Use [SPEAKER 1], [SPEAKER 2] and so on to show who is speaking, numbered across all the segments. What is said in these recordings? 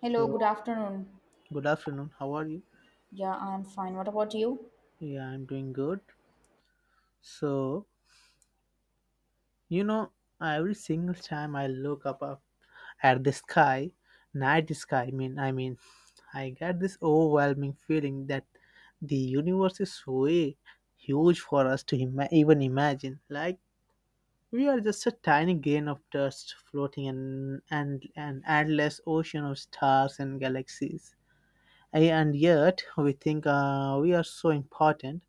[SPEAKER 1] Hello, good
[SPEAKER 2] So,
[SPEAKER 1] afternoon.
[SPEAKER 2] good afternoon. How are you?
[SPEAKER 1] Yeah, I'm fine. What about you?
[SPEAKER 2] Yeah, I'm doing good. So, you know, every single time I look up at the sky, night sky, I mean, I get this overwhelming feeling that the universe is way huge for us to even imagine. Like we are just a tiny grain of dust floating in an endless ocean of stars and galaxies. And yet, we think we are so important.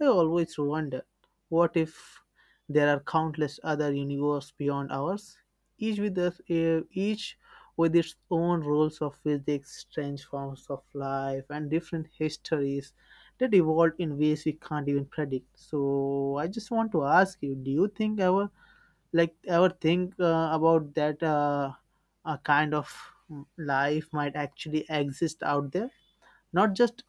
[SPEAKER 2] I always wonder what if there are countless other universes beyond ours, each with its own rules of physics, strange forms of life, and different histories that evolved in ways we can't even predict. So, I just want to ask you: do you think ever, like, ever think about that a kind of life might actually exist out there? Not just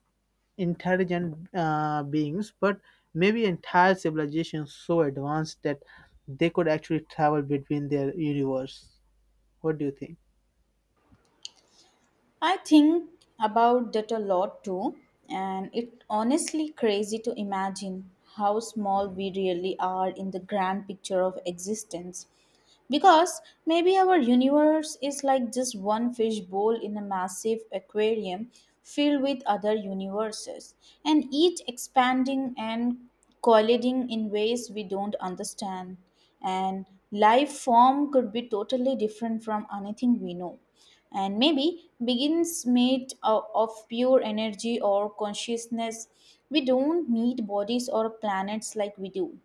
[SPEAKER 2] intelligent beings, but maybe entire civilizations so advanced that they could actually travel between their universe. What do you think?
[SPEAKER 1] I think about that a lot too, and it honestly crazy to imagine how small we really are in the grand picture of existence. Because maybe our universe is like just one fishbowl in a massive aquarium filled with other universes, and each expanding and colliding in ways we don't understand. And life form could be totally different from anything we know. And maybe begins made of pure energy or consciousness. We don't need bodies or planets like we do,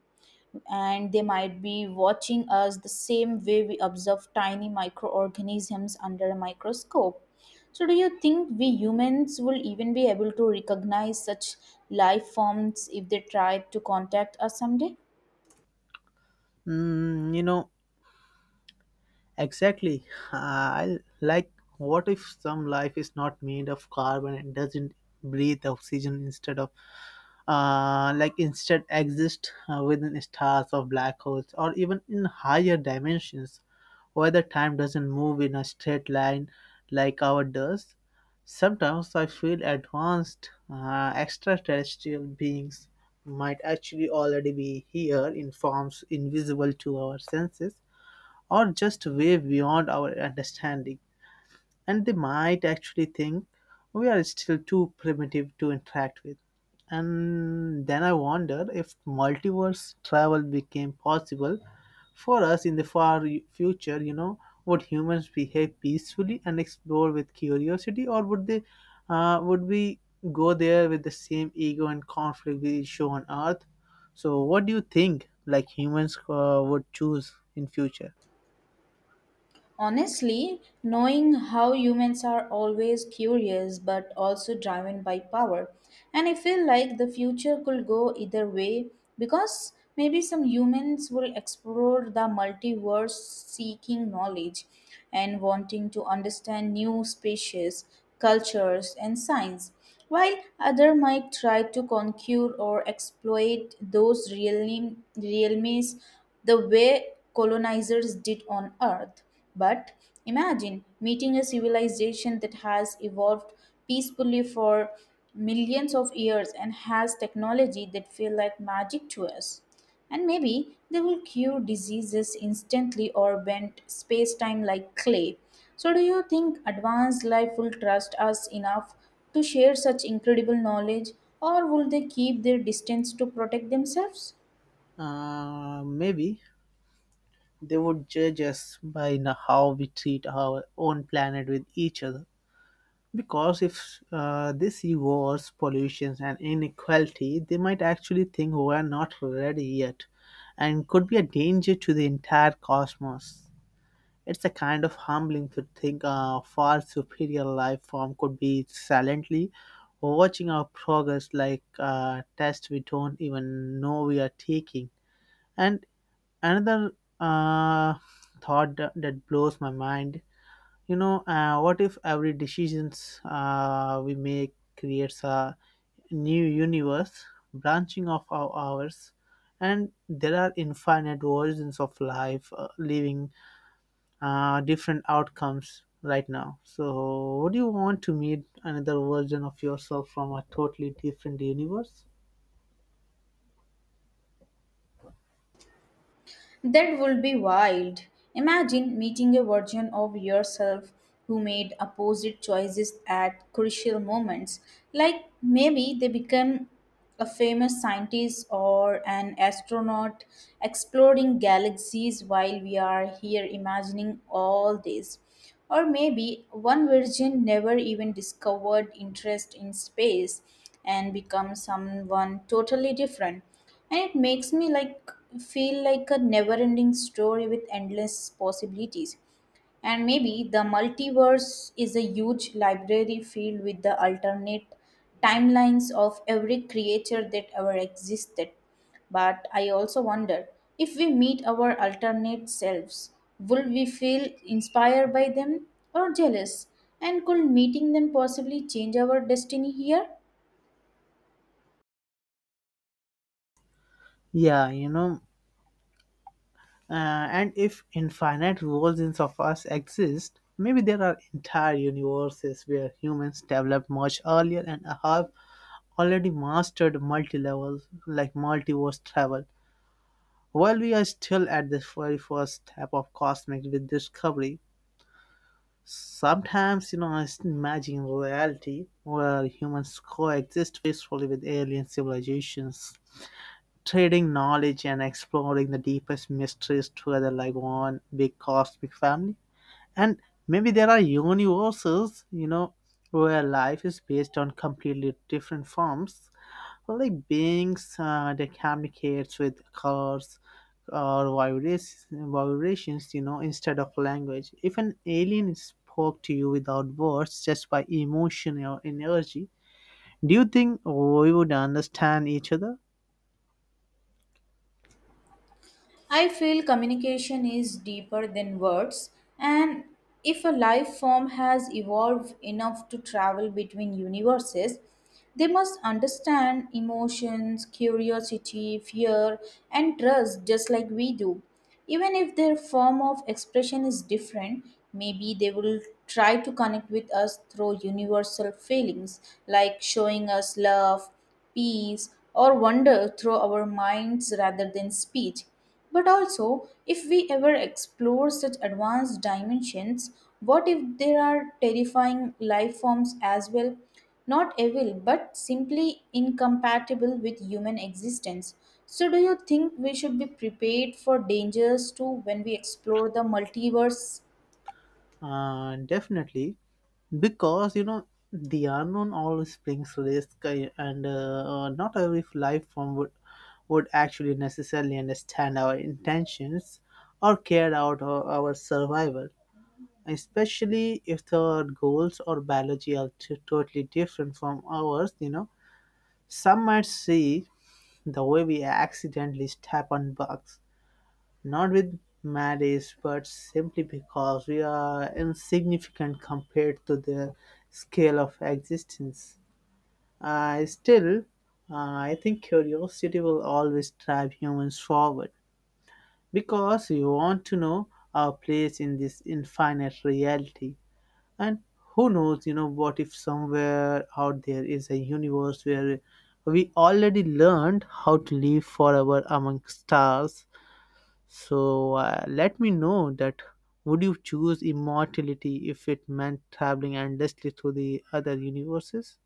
[SPEAKER 1] and they might be watching us the same way we observe tiny microorganisms under a microscope. So, do you think we humans will even be able to recognize such life forms if they try to contact us someday?
[SPEAKER 2] Mm, you know, exactly. I like, what if some life is not made of carbon and doesn't breathe oxygen instead of like instead exist within stars or black holes or even in higher dimensions. Whether time doesn't move in a straight line like ours does, sometimes I feel advanced extraterrestrial beings might actually already be here in forms invisible to our senses or just way beyond our understanding, and they might actually think we are still too primitive to interact with. And then I wonder, if multiverse travel became possible for us, in the far future, you know, would humans behave peacefully and explore with curiosity, or would we go there with the same ego and conflict we show on Earth? So, what do you think? Like humans would choose in future?
[SPEAKER 1] Honestly, knowing how humans are always curious but also driven by power, and I feel like the future could go either way because maybe some humans will explore the multiverse seeking knowledge and wanting to understand new species, cultures, and science, while other might try to conquer or exploit those realms the way colonizers did on Earth. But imagine meeting a civilization that has evolved peacefully for millions of years and has technology that feel like magic to us. And maybe they will cure diseases instantly or bend space time like clay. So, do you think advanced life will trust us enough to share such incredible knowledge, or will they keep their distance to protect themselves?
[SPEAKER 2] Maybe they would judge us by how we treat our own planet with each other. Because if they see wars, pollutions, and inequality, they might actually think we are not ready yet and could be a danger to the entire cosmos. It's a kind of humbling to think a far superior life form could be silently watching our progress like a test we don't even know we are taking. And another uh, thought that blows my mind, you know, what if every decisions we make creates a new universe branching off of ours, and there are infinite versions of life living different outcomes right now? So would you want to meet another version of yourself from a totally different universe?
[SPEAKER 1] That would be wild. Imagine meeting a version of yourself who made opposite choices at crucial moments. Like maybe they become a famous scientist or an astronaut exploring galaxies while we are here imagining all this. Or maybe one virgin never even discovered interest in space and becomes someone totally different. And it makes me like feel like a never ending story with endless possibilities. And maybe the multiverse is a huge library filled with the alternate timelines of every creature that ever existed. But I also wonder, if we meet our alternate selves, would we feel inspired by them or jealous? And could meeting them possibly change our destiny here?
[SPEAKER 2] Yeah, you know. And if infinite versions of us exist, maybe there are entire universes where humans developed much earlier and have already mastered multi-levels like multiverse travel. While we are still at the very first step of cosmic discovery, sometimes, you know, I just imagine a reality where humans coexist peacefully with alien civilizations, trading knowledge and exploring the deepest mysteries together like one big cosmic family. And maybe there are universes, you know, where life is based on completely different forms, like beings that communicates with colors or vibrations, you know, instead of language. If an alien spoke to you without words, just by emotion or energy, do you think we would understand each other?
[SPEAKER 1] I feel communication is deeper than words, and if a life form has evolved enough to travel between universes, they must understand emotions, curiosity, fear, and trust just like we do. Even if their form of expression is different, maybe they will try to connect with us through universal feelings, like showing us love, peace, or wonder through our minds rather than speech. But also, if we ever explore such advanced dimensions, what if there are terrifying life forms as well? Not evil, but simply incompatible with human existence. So, do you think we should be prepared for dangers too when we explore the multiverse?
[SPEAKER 2] Definitely, because, you know, the unknown always brings risk, and not every life form would actually necessarily understand our intentions or care out our survival, especially if their goals or biology are totally different from ours, you know. Some might see the way we accidentally step on bugs, not with malice, but simply because we are insignificant compared to the scale of existence. Still, I think curiosity will always drive humans forward because we want to know our place in this infinite reality. And who knows, you know, what if somewhere out there is a universe where we already learned how to live forever among stars? So let me know that, would you choose immortality if it meant traveling endlessly through the other universes?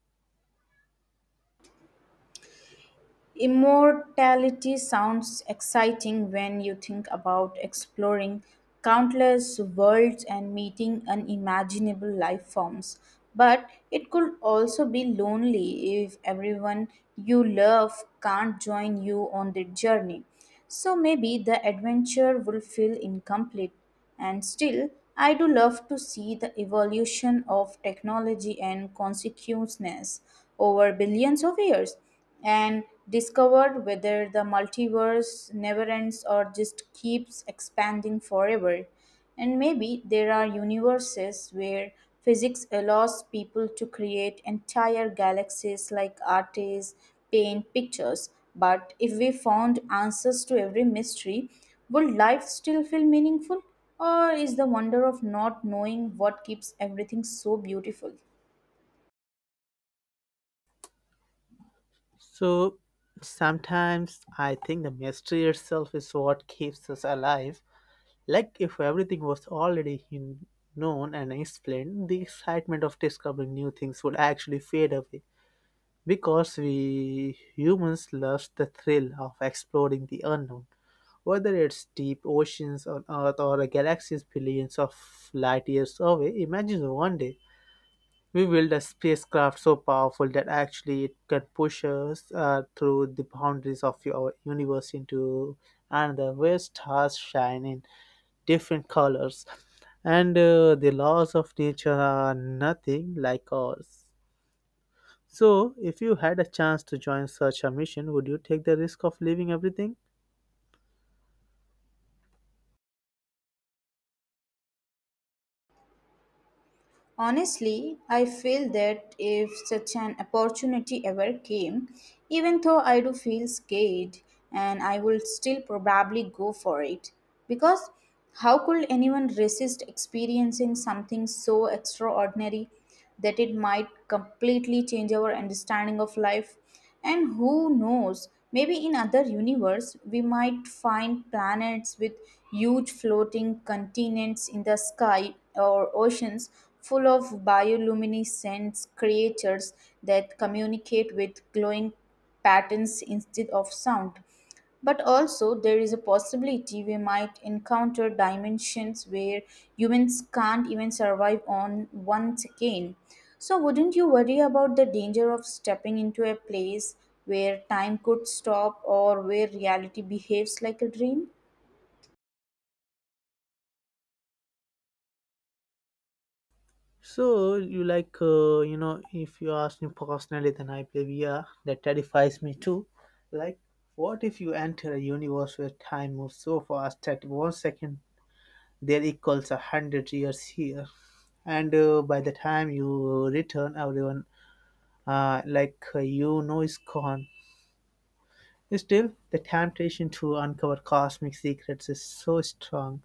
[SPEAKER 1] Immortality sounds exciting when you think about exploring countless worlds and meeting unimaginable life forms. But it could also be lonely if everyone you love can't join you on the journey. So maybe the adventure will feel incomplete. And still, I do love to see the evolution of technology and consciousness over billions of years, and discovered whether the multiverse never ends or just keeps expanding forever. And maybe there are universes where physics allows people to create entire galaxies like artists paint pictures. But if we found answers to every mystery, would life still feel meaningful? Or is the wonder of not knowing what keeps everything so beautiful?
[SPEAKER 2] So sometimes I think the mystery itself is what keeps us alive. Like if everything was already known and explained, the excitement of discovering new things would actually fade away because we humans love the thrill of exploring the unknown. Whether it's deep oceans on Earth or a galaxies billions of light years away, imagine one day we build a spacecraft so powerful that actually it can push us through the boundaries of our universe into another where stars shine in different colors, and the laws of nature are nothing like ours. So, if you had a chance to join such a mission, would you take the risk of leaving everything?
[SPEAKER 1] Honestly, I feel that if such an opportunity ever came, even though I do feel scared, and I will still probably go for it. Because how could anyone resist experiencing something so extraordinary that it might completely change our understanding of life? And who knows, maybe in other universe we might find planets with huge floating continents in the sky, or oceans full of bioluminescent creatures that communicate with glowing patterns instead of sound. But also, there is a possibility we might encounter dimensions where humans can't even survive on once again. So, wouldn't you worry about the danger of stepping into a place where time could stop, or where reality behaves like a dream?
[SPEAKER 2] So you like you know if you ask me personally, then I believe, yeah, that terrifies me too. Like, what if you enter a universe where time moves so fast that 1 second there equals 100 years here, and by the time you return, everyone is gone. Still, the temptation to uncover cosmic secrets is so strong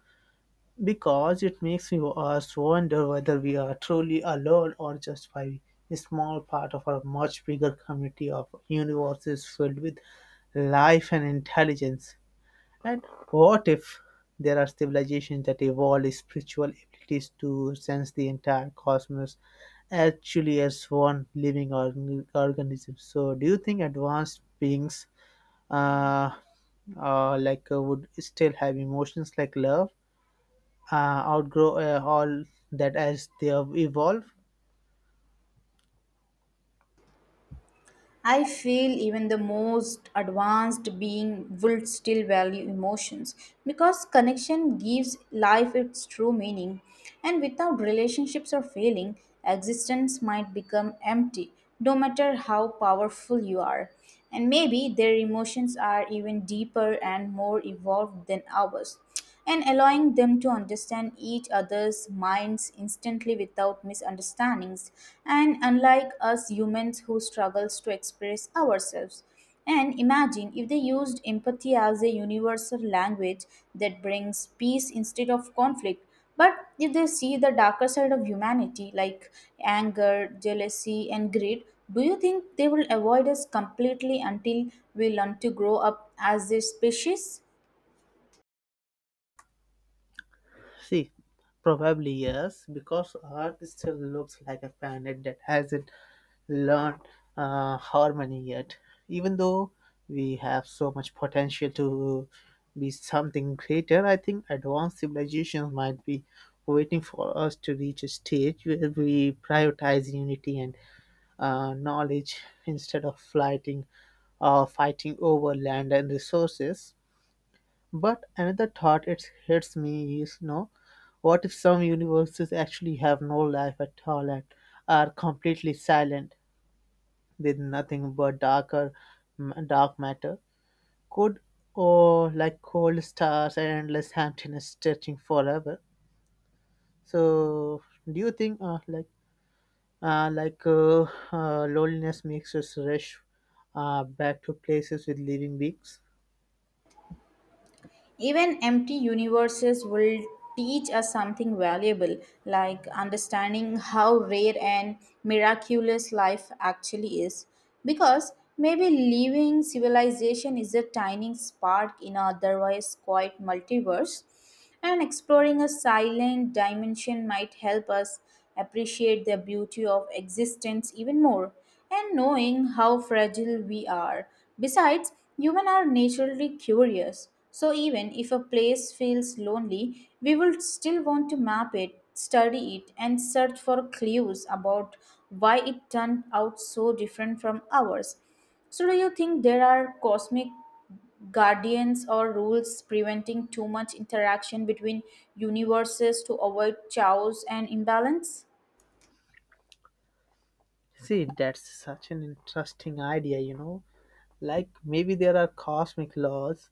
[SPEAKER 2] because it makes us wonder whether we are truly alone or just by a small part of a much bigger community of universes filled with life and intelligence. And what if there are civilizations that evolved spiritual abilities to sense the entire cosmos actually as one living organism? So, do you think advanced beings uh, would still have emotions like love? Uh, outgrow all that as they have evolved?
[SPEAKER 1] I feel even the most advanced being will still value emotions, because connection gives life its true meaning, and without relationships or feeling, existence might become empty, no matter how powerful you are. And maybe their emotions are even deeper and more evolved than ours, and allowing them to understand each other's minds instantly without misunderstandings, and unlike us humans who struggles to express ourselves. And imagine if they used empathy as a universal language that brings peace instead of conflict. But if they see the darker side of humanity, like anger, jealousy, and greed, do you think they will avoid us completely until we learn to grow up as a species?
[SPEAKER 2] See, probably yes, because Earth still looks like a planet that hasn't learned harmony yet. Even though we have so much potential to be something greater, I think advanced civilizations might be waiting for us to reach a stage where we prioritize unity and knowledge instead of fighting over land and resources. But another thought it hits me is, no, what if some universes actually have no life at all and are completely silent, with nothing but dark matter? Could, or like cold stars and endless emptiness stretching forever? So, do you think uh, like uh, loneliness makes us rush back to places with living beings?
[SPEAKER 1] Even empty universes will teach us something valuable, like understanding how rare and miraculous life actually is. Because maybe living civilization is a tiny spark in an otherwise quiet multiverse, and exploring a silent dimension might help us appreciate the beauty of existence even more, and knowing how fragile we are. Besides, humans are naturally curious. So even if a place feels lonely, we will still want to map it, study it, and search for clues about why it turned out so different from ours. So, do you think there are cosmic guardians or rules preventing too much interaction between universes to avoid chaos and imbalance?
[SPEAKER 2] See, that's such an interesting idea, you know. Like maybe there are cosmic laws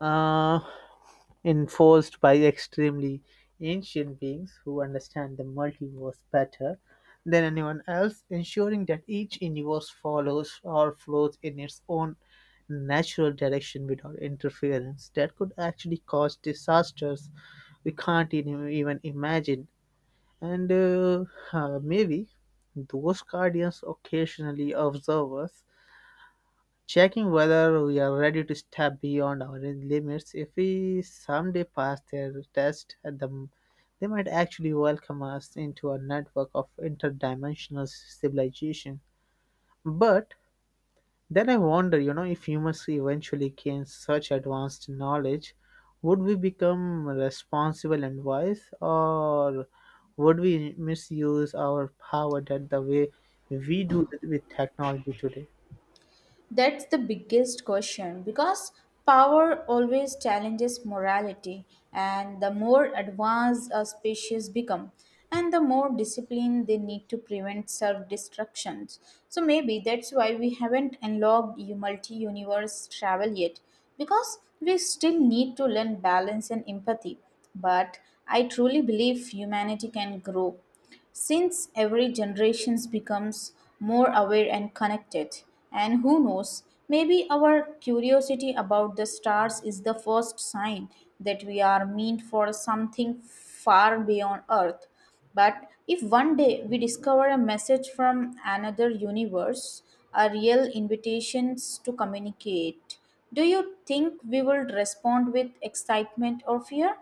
[SPEAKER 2] uh, enforced by extremely ancient beings who understand the multiverse better than anyone else, ensuring that each universe follows or flows in its own natural direction without interference that could actually cause disasters we can't even imagine. And maybe those guardians occasionally observe us, checking whether we are ready to step beyond our limits. If we someday pass their test, at the, they might actually welcome us into a network of interdimensional civilization. But then I wonder, you know, if humans eventually gain such advanced knowledge, would we become responsible and wise, or would we misuse our power that the way we do with technology today?
[SPEAKER 1] That's the biggest question, because power always challenges morality, and the more advanced a species become, and the more discipline they need to prevent self-destructions. So maybe that's why we haven't unlocked multi-universe travel yet, because we still need to learn balance and empathy. But I truly believe humanity can grow. Since every generation becomes more aware and connected, and who knows, maybe our curiosity about the stars is the first sign that we are meant for something far beyond Earth. But if one day we discover a message from another universe, a real invitation to communicate, do you think we will respond with excitement or fear?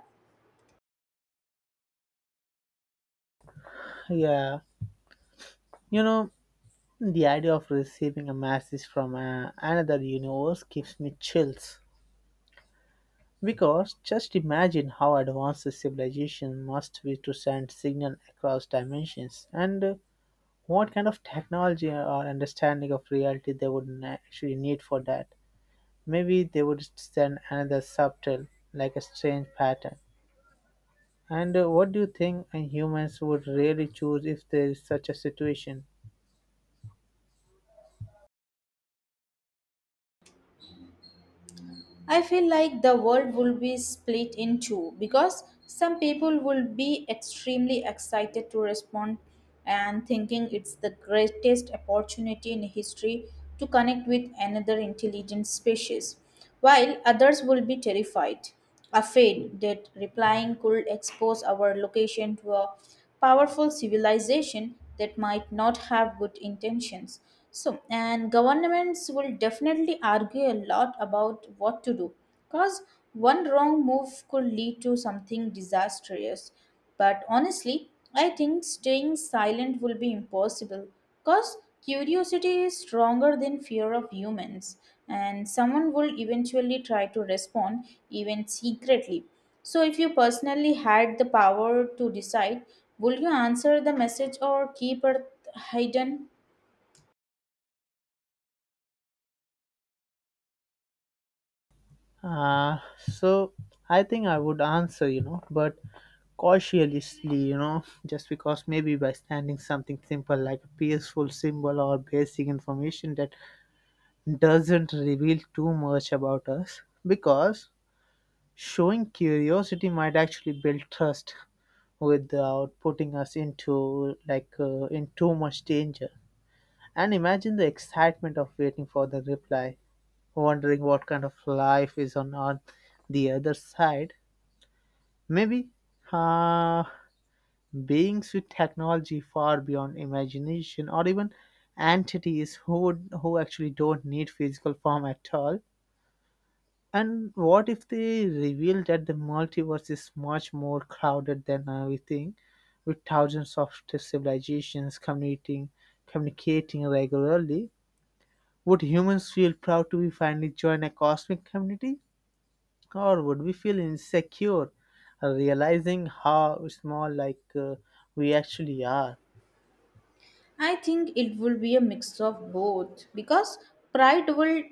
[SPEAKER 2] Yeah, you know, the idea of receiving a message from another universe gives me chills because just imagine how advanced a civilization must be to send signal across dimensions and what kind of technology or understanding of reality they would actually need for that. Maybe they would send another subtle, like a strange pattern. And what do you think humans would really choose if there is such a situation?
[SPEAKER 1] I feel like the world will be split in two, because some people will be extremely excited to respond and thinking it's the greatest opportunity in history to connect with another intelligent species, while others will be terrified, afraid that replying could expose our location to a powerful civilization that might not have good intentions. So, and governments will definitely argue a lot about what to do, because one wrong move could lead to something disastrous. But honestly, I think staying silent will be impossible, because curiosity is stronger than fear of humans, and someone will eventually try to respond, even secretly. So, if you personally had the power to decide, would you answer the message or keep it hidden?
[SPEAKER 2] So I think I would answer, you know, but cautiously, you know, just because maybe by standing something simple like a peaceful symbol or basic information that doesn't reveal too much about us, because showing curiosity might actually build trust without putting us into in too much danger. And imagine the excitement of waiting for the reply, wondering what kind of life is on the other side. Maybe, uh, beings with technology far beyond imagination or even entities who actually don't need physical form at all. And what if they reveal that the multiverse is much more crowded than we think, with thousands of civilizations communicating regularly? Would humans feel proud to be finally join a cosmic community? Or would we feel insecure, realizing how small we actually are?
[SPEAKER 1] I think it will be a mix of both, because pride will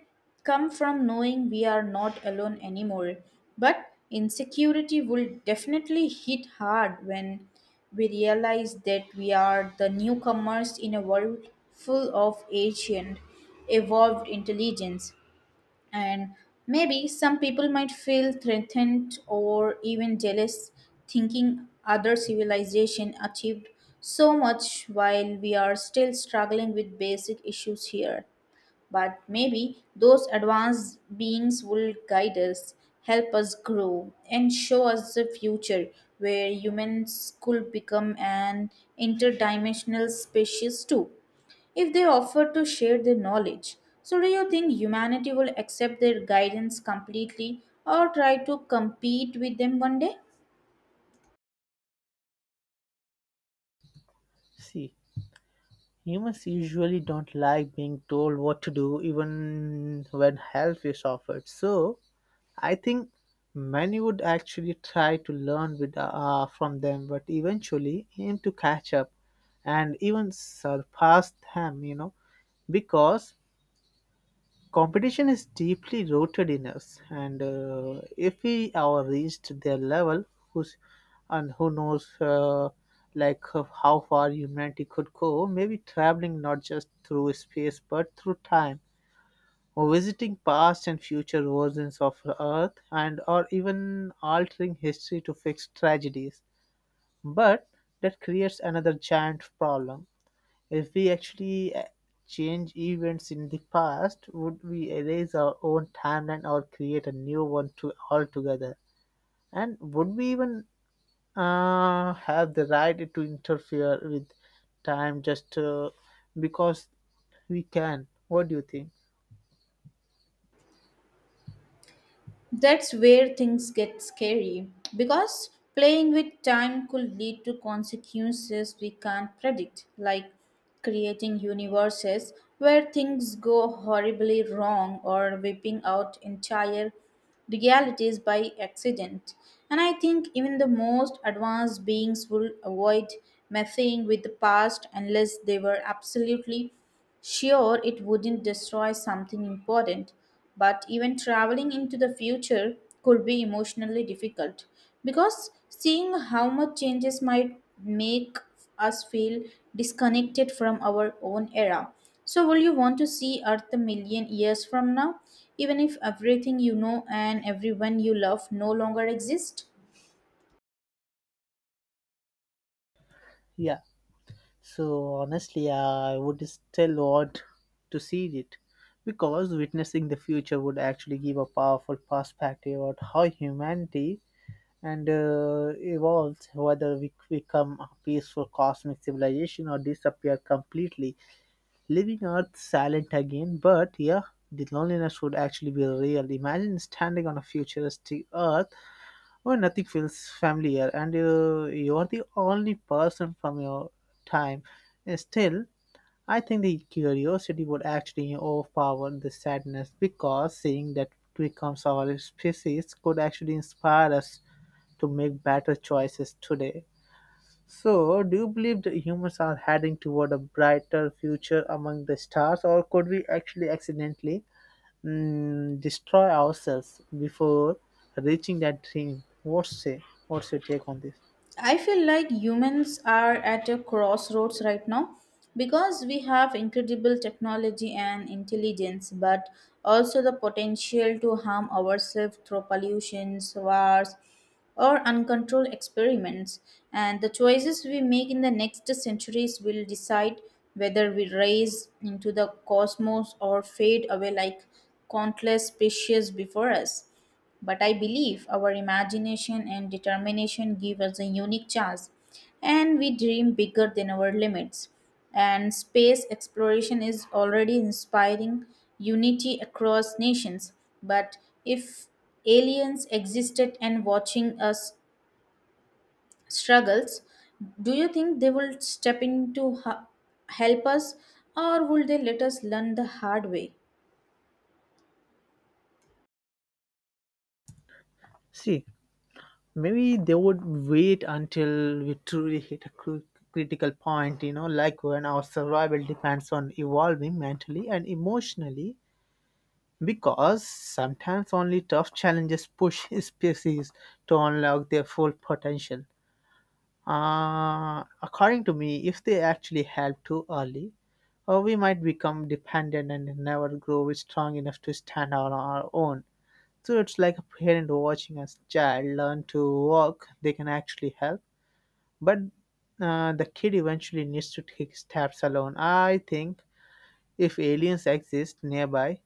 [SPEAKER 1] come from knowing we are not alone anymore. But insecurity will definitely hit hard when we realize that we are the newcomers in a world full of ancient, evolved intelligence. And maybe some people might feel threatened or even jealous, thinking other civilization achieved so much while we are still struggling with basic issues here. But maybe those advanced beings will guide us, help us grow, and show us the future where humans could become an interdimensional species too, if they offered to share their knowledge. So, do you think humanity will accept their guidance completely or try to compete with them one day?
[SPEAKER 2] See, humans usually don't like being told what to do even when help is offered, so I think many would actually try to learn with from them, but eventually aim to catch up and even surpass them, you know, because competition is deeply rooted in us, and if we are reached their level, who's who knows, how far humanity could go? Maybe traveling not just through space but through time, or visiting past and future versions of Earth, and or even altering history to fix tragedies. But that creates another giant problem. If we actually change events in the past, would we erase our own timeline or create a new one to altogether? And would we even have the right to interfere with time just because we can? What do you think?
[SPEAKER 1] That's where things get scary, because playing with time could lead to consequences we can't predict, like creating universes where things go horribly wrong or wiping out entire realities by accident. And I think even the most advanced beings will avoid messing with the past unless they were absolutely sure it wouldn't destroy something important. But even traveling into the future could be emotionally difficult, because seeing how much changes might make us feel disconnected from our own era. So, will you want to see Earth a million years from now, even if everything you know and everyone you love no longer exist?
[SPEAKER 2] Yeah. So honestly, I would still want to see it, because witnessing the future would actually give a powerful perspective on how humanity and evolves, whether we become a peaceful cosmic civilization or disappear completely, leaving Earth silent again. But yeah, the loneliness would actually be real. Imagine standing on a futuristic Earth where nothing feels familiar and you're the only person from your time. Still, I think the curiosity would actually overpower the sadness, because seeing that becomes our species could actually inspire us to make better choices today. So, do you believe that humans are heading toward a brighter future among the stars, or could we actually accidentally destroy ourselves before reaching that dream? What's say? What's your take on this?
[SPEAKER 1] I feel like humans are at a crossroads right now, because we have incredible technology and intelligence, but also the potential to harm ourselves through pollutions, wars, or uncontrolled experiments. And the choices we make in the next centuries will decide whether we rise into the cosmos or fade away like countless species before us. But I believe our imagination and determination give us a unique chance, and we dream bigger than our limits. And space exploration is already inspiring unity across nations. But if aliens existed and watching us struggles, do you think they will step in to help us, or will they let us learn the hard way?
[SPEAKER 2] See, maybe they would wait until we truly hit a critical point. You know, like when our survival depends on evolving mentally and emotionally, because sometimes only tough challenges push species to unlock their full potential. According to me, if they actually help too early, we might become dependent and never grow strong enough to stand on our own. So it's like a parent watching a child learn to walk, they can actually help. But the kid eventually needs to take steps alone. I think if aliens exist nearby,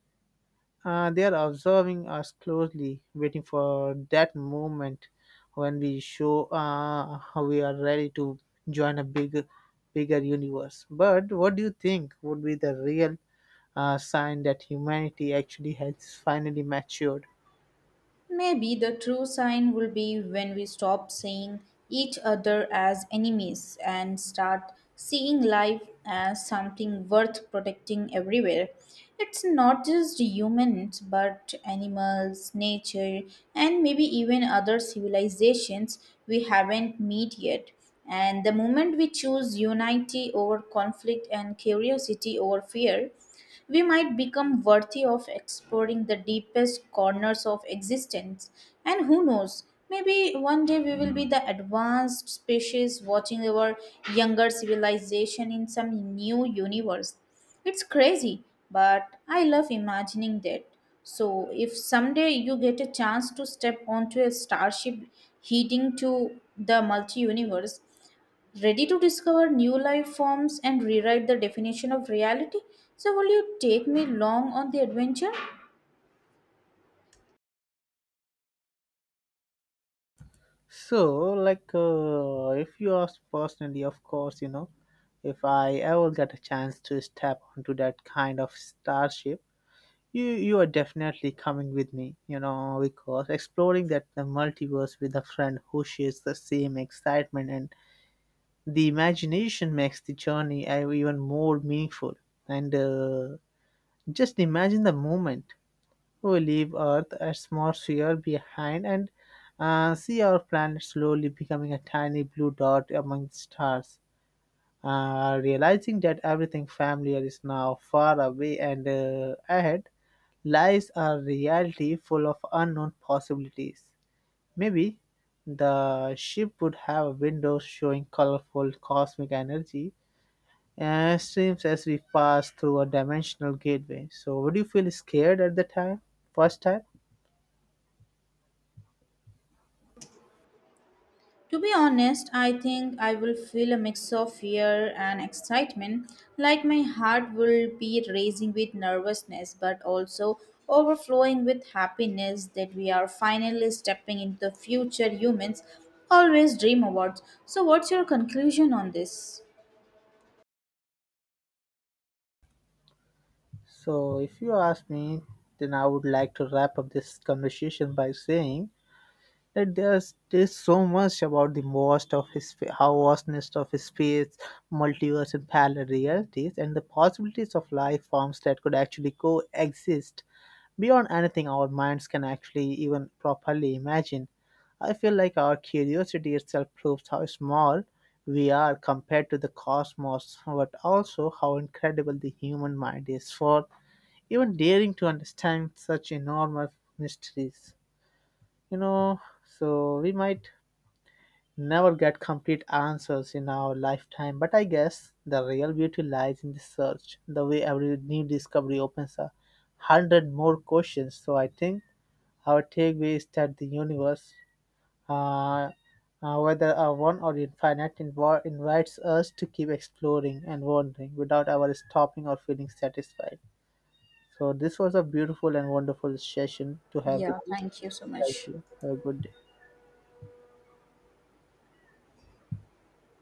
[SPEAKER 2] they are observing us closely, waiting for that moment when we show how we are ready to join a bigger universe. But what do you think would be the real sign that humanity actually has finally matured?
[SPEAKER 1] Maybe the true sign will be when we stop seeing each other as enemies and start seeing life as something worth protecting everywhere. It's not just humans, but animals, nature, and maybe even other civilizations we haven't met yet. And the moment we choose unity over conflict and curiosity over fear, we might become worthy of exploring the deepest corners of existence. And who knows, maybe one day we will be the advanced species watching our younger civilization in some new universe. It's crazy, but I love imagining that. So, if someday you get a chance to step onto a starship heading to the multi universe, ready to discover new life forms and rewrite the definition of reality. So, will you take me along on the adventure?
[SPEAKER 2] So, if you ask personally, of course, you know, if I ever get a chance to step onto that kind of starship, you are definitely coming with me, you know, because exploring that the multiverse with a friend who shares the same excitement and the imagination makes the journey even more meaningful. And Just imagine the moment we leave Earth atmosphere behind and see our planet slowly becoming a tiny blue dot among the stars. Realizing that everything familiar is now far away, and ahead lies are reality full of unknown possibilities. Maybe the ship would have windows showing colorful cosmic energy and streams as we pass through a dimensional gateway. So, would you feel scared at the time? First time?
[SPEAKER 1] To be honest, I think I will feel a mix of fear and excitement, like my heart will be racing with nervousness but also overflowing with happiness that we are finally stepping into the future humans always dream about. So, what's your conclusion on this?
[SPEAKER 2] So, if you ask me, then I would like to wrap up this conversation by saying that there's so much about the vast of his how vastness of space, multiverse, and parallel realities, and the possibilities of life forms that could actually coexist beyond anything our minds can actually even properly imagine. I feel like our curiosity itself proves how small we are compared to the cosmos, but also how incredible the human mind is for even daring to understand such enormous mysteries. You know, so we might never get complete answers in our lifetime, but I guess the real beauty lies in the search, the way every new discovery opens 100 more questions. So I think our takeaway is that the universe, uh, whether a one or infinite, invites us to keep exploring and wondering without ever stopping or feeling satisfied. So this was a beautiful and wonderful session to have with
[SPEAKER 1] Yeah,
[SPEAKER 2] you.
[SPEAKER 1] thank you so
[SPEAKER 2] Thank
[SPEAKER 1] much.
[SPEAKER 2] you. Have a good day.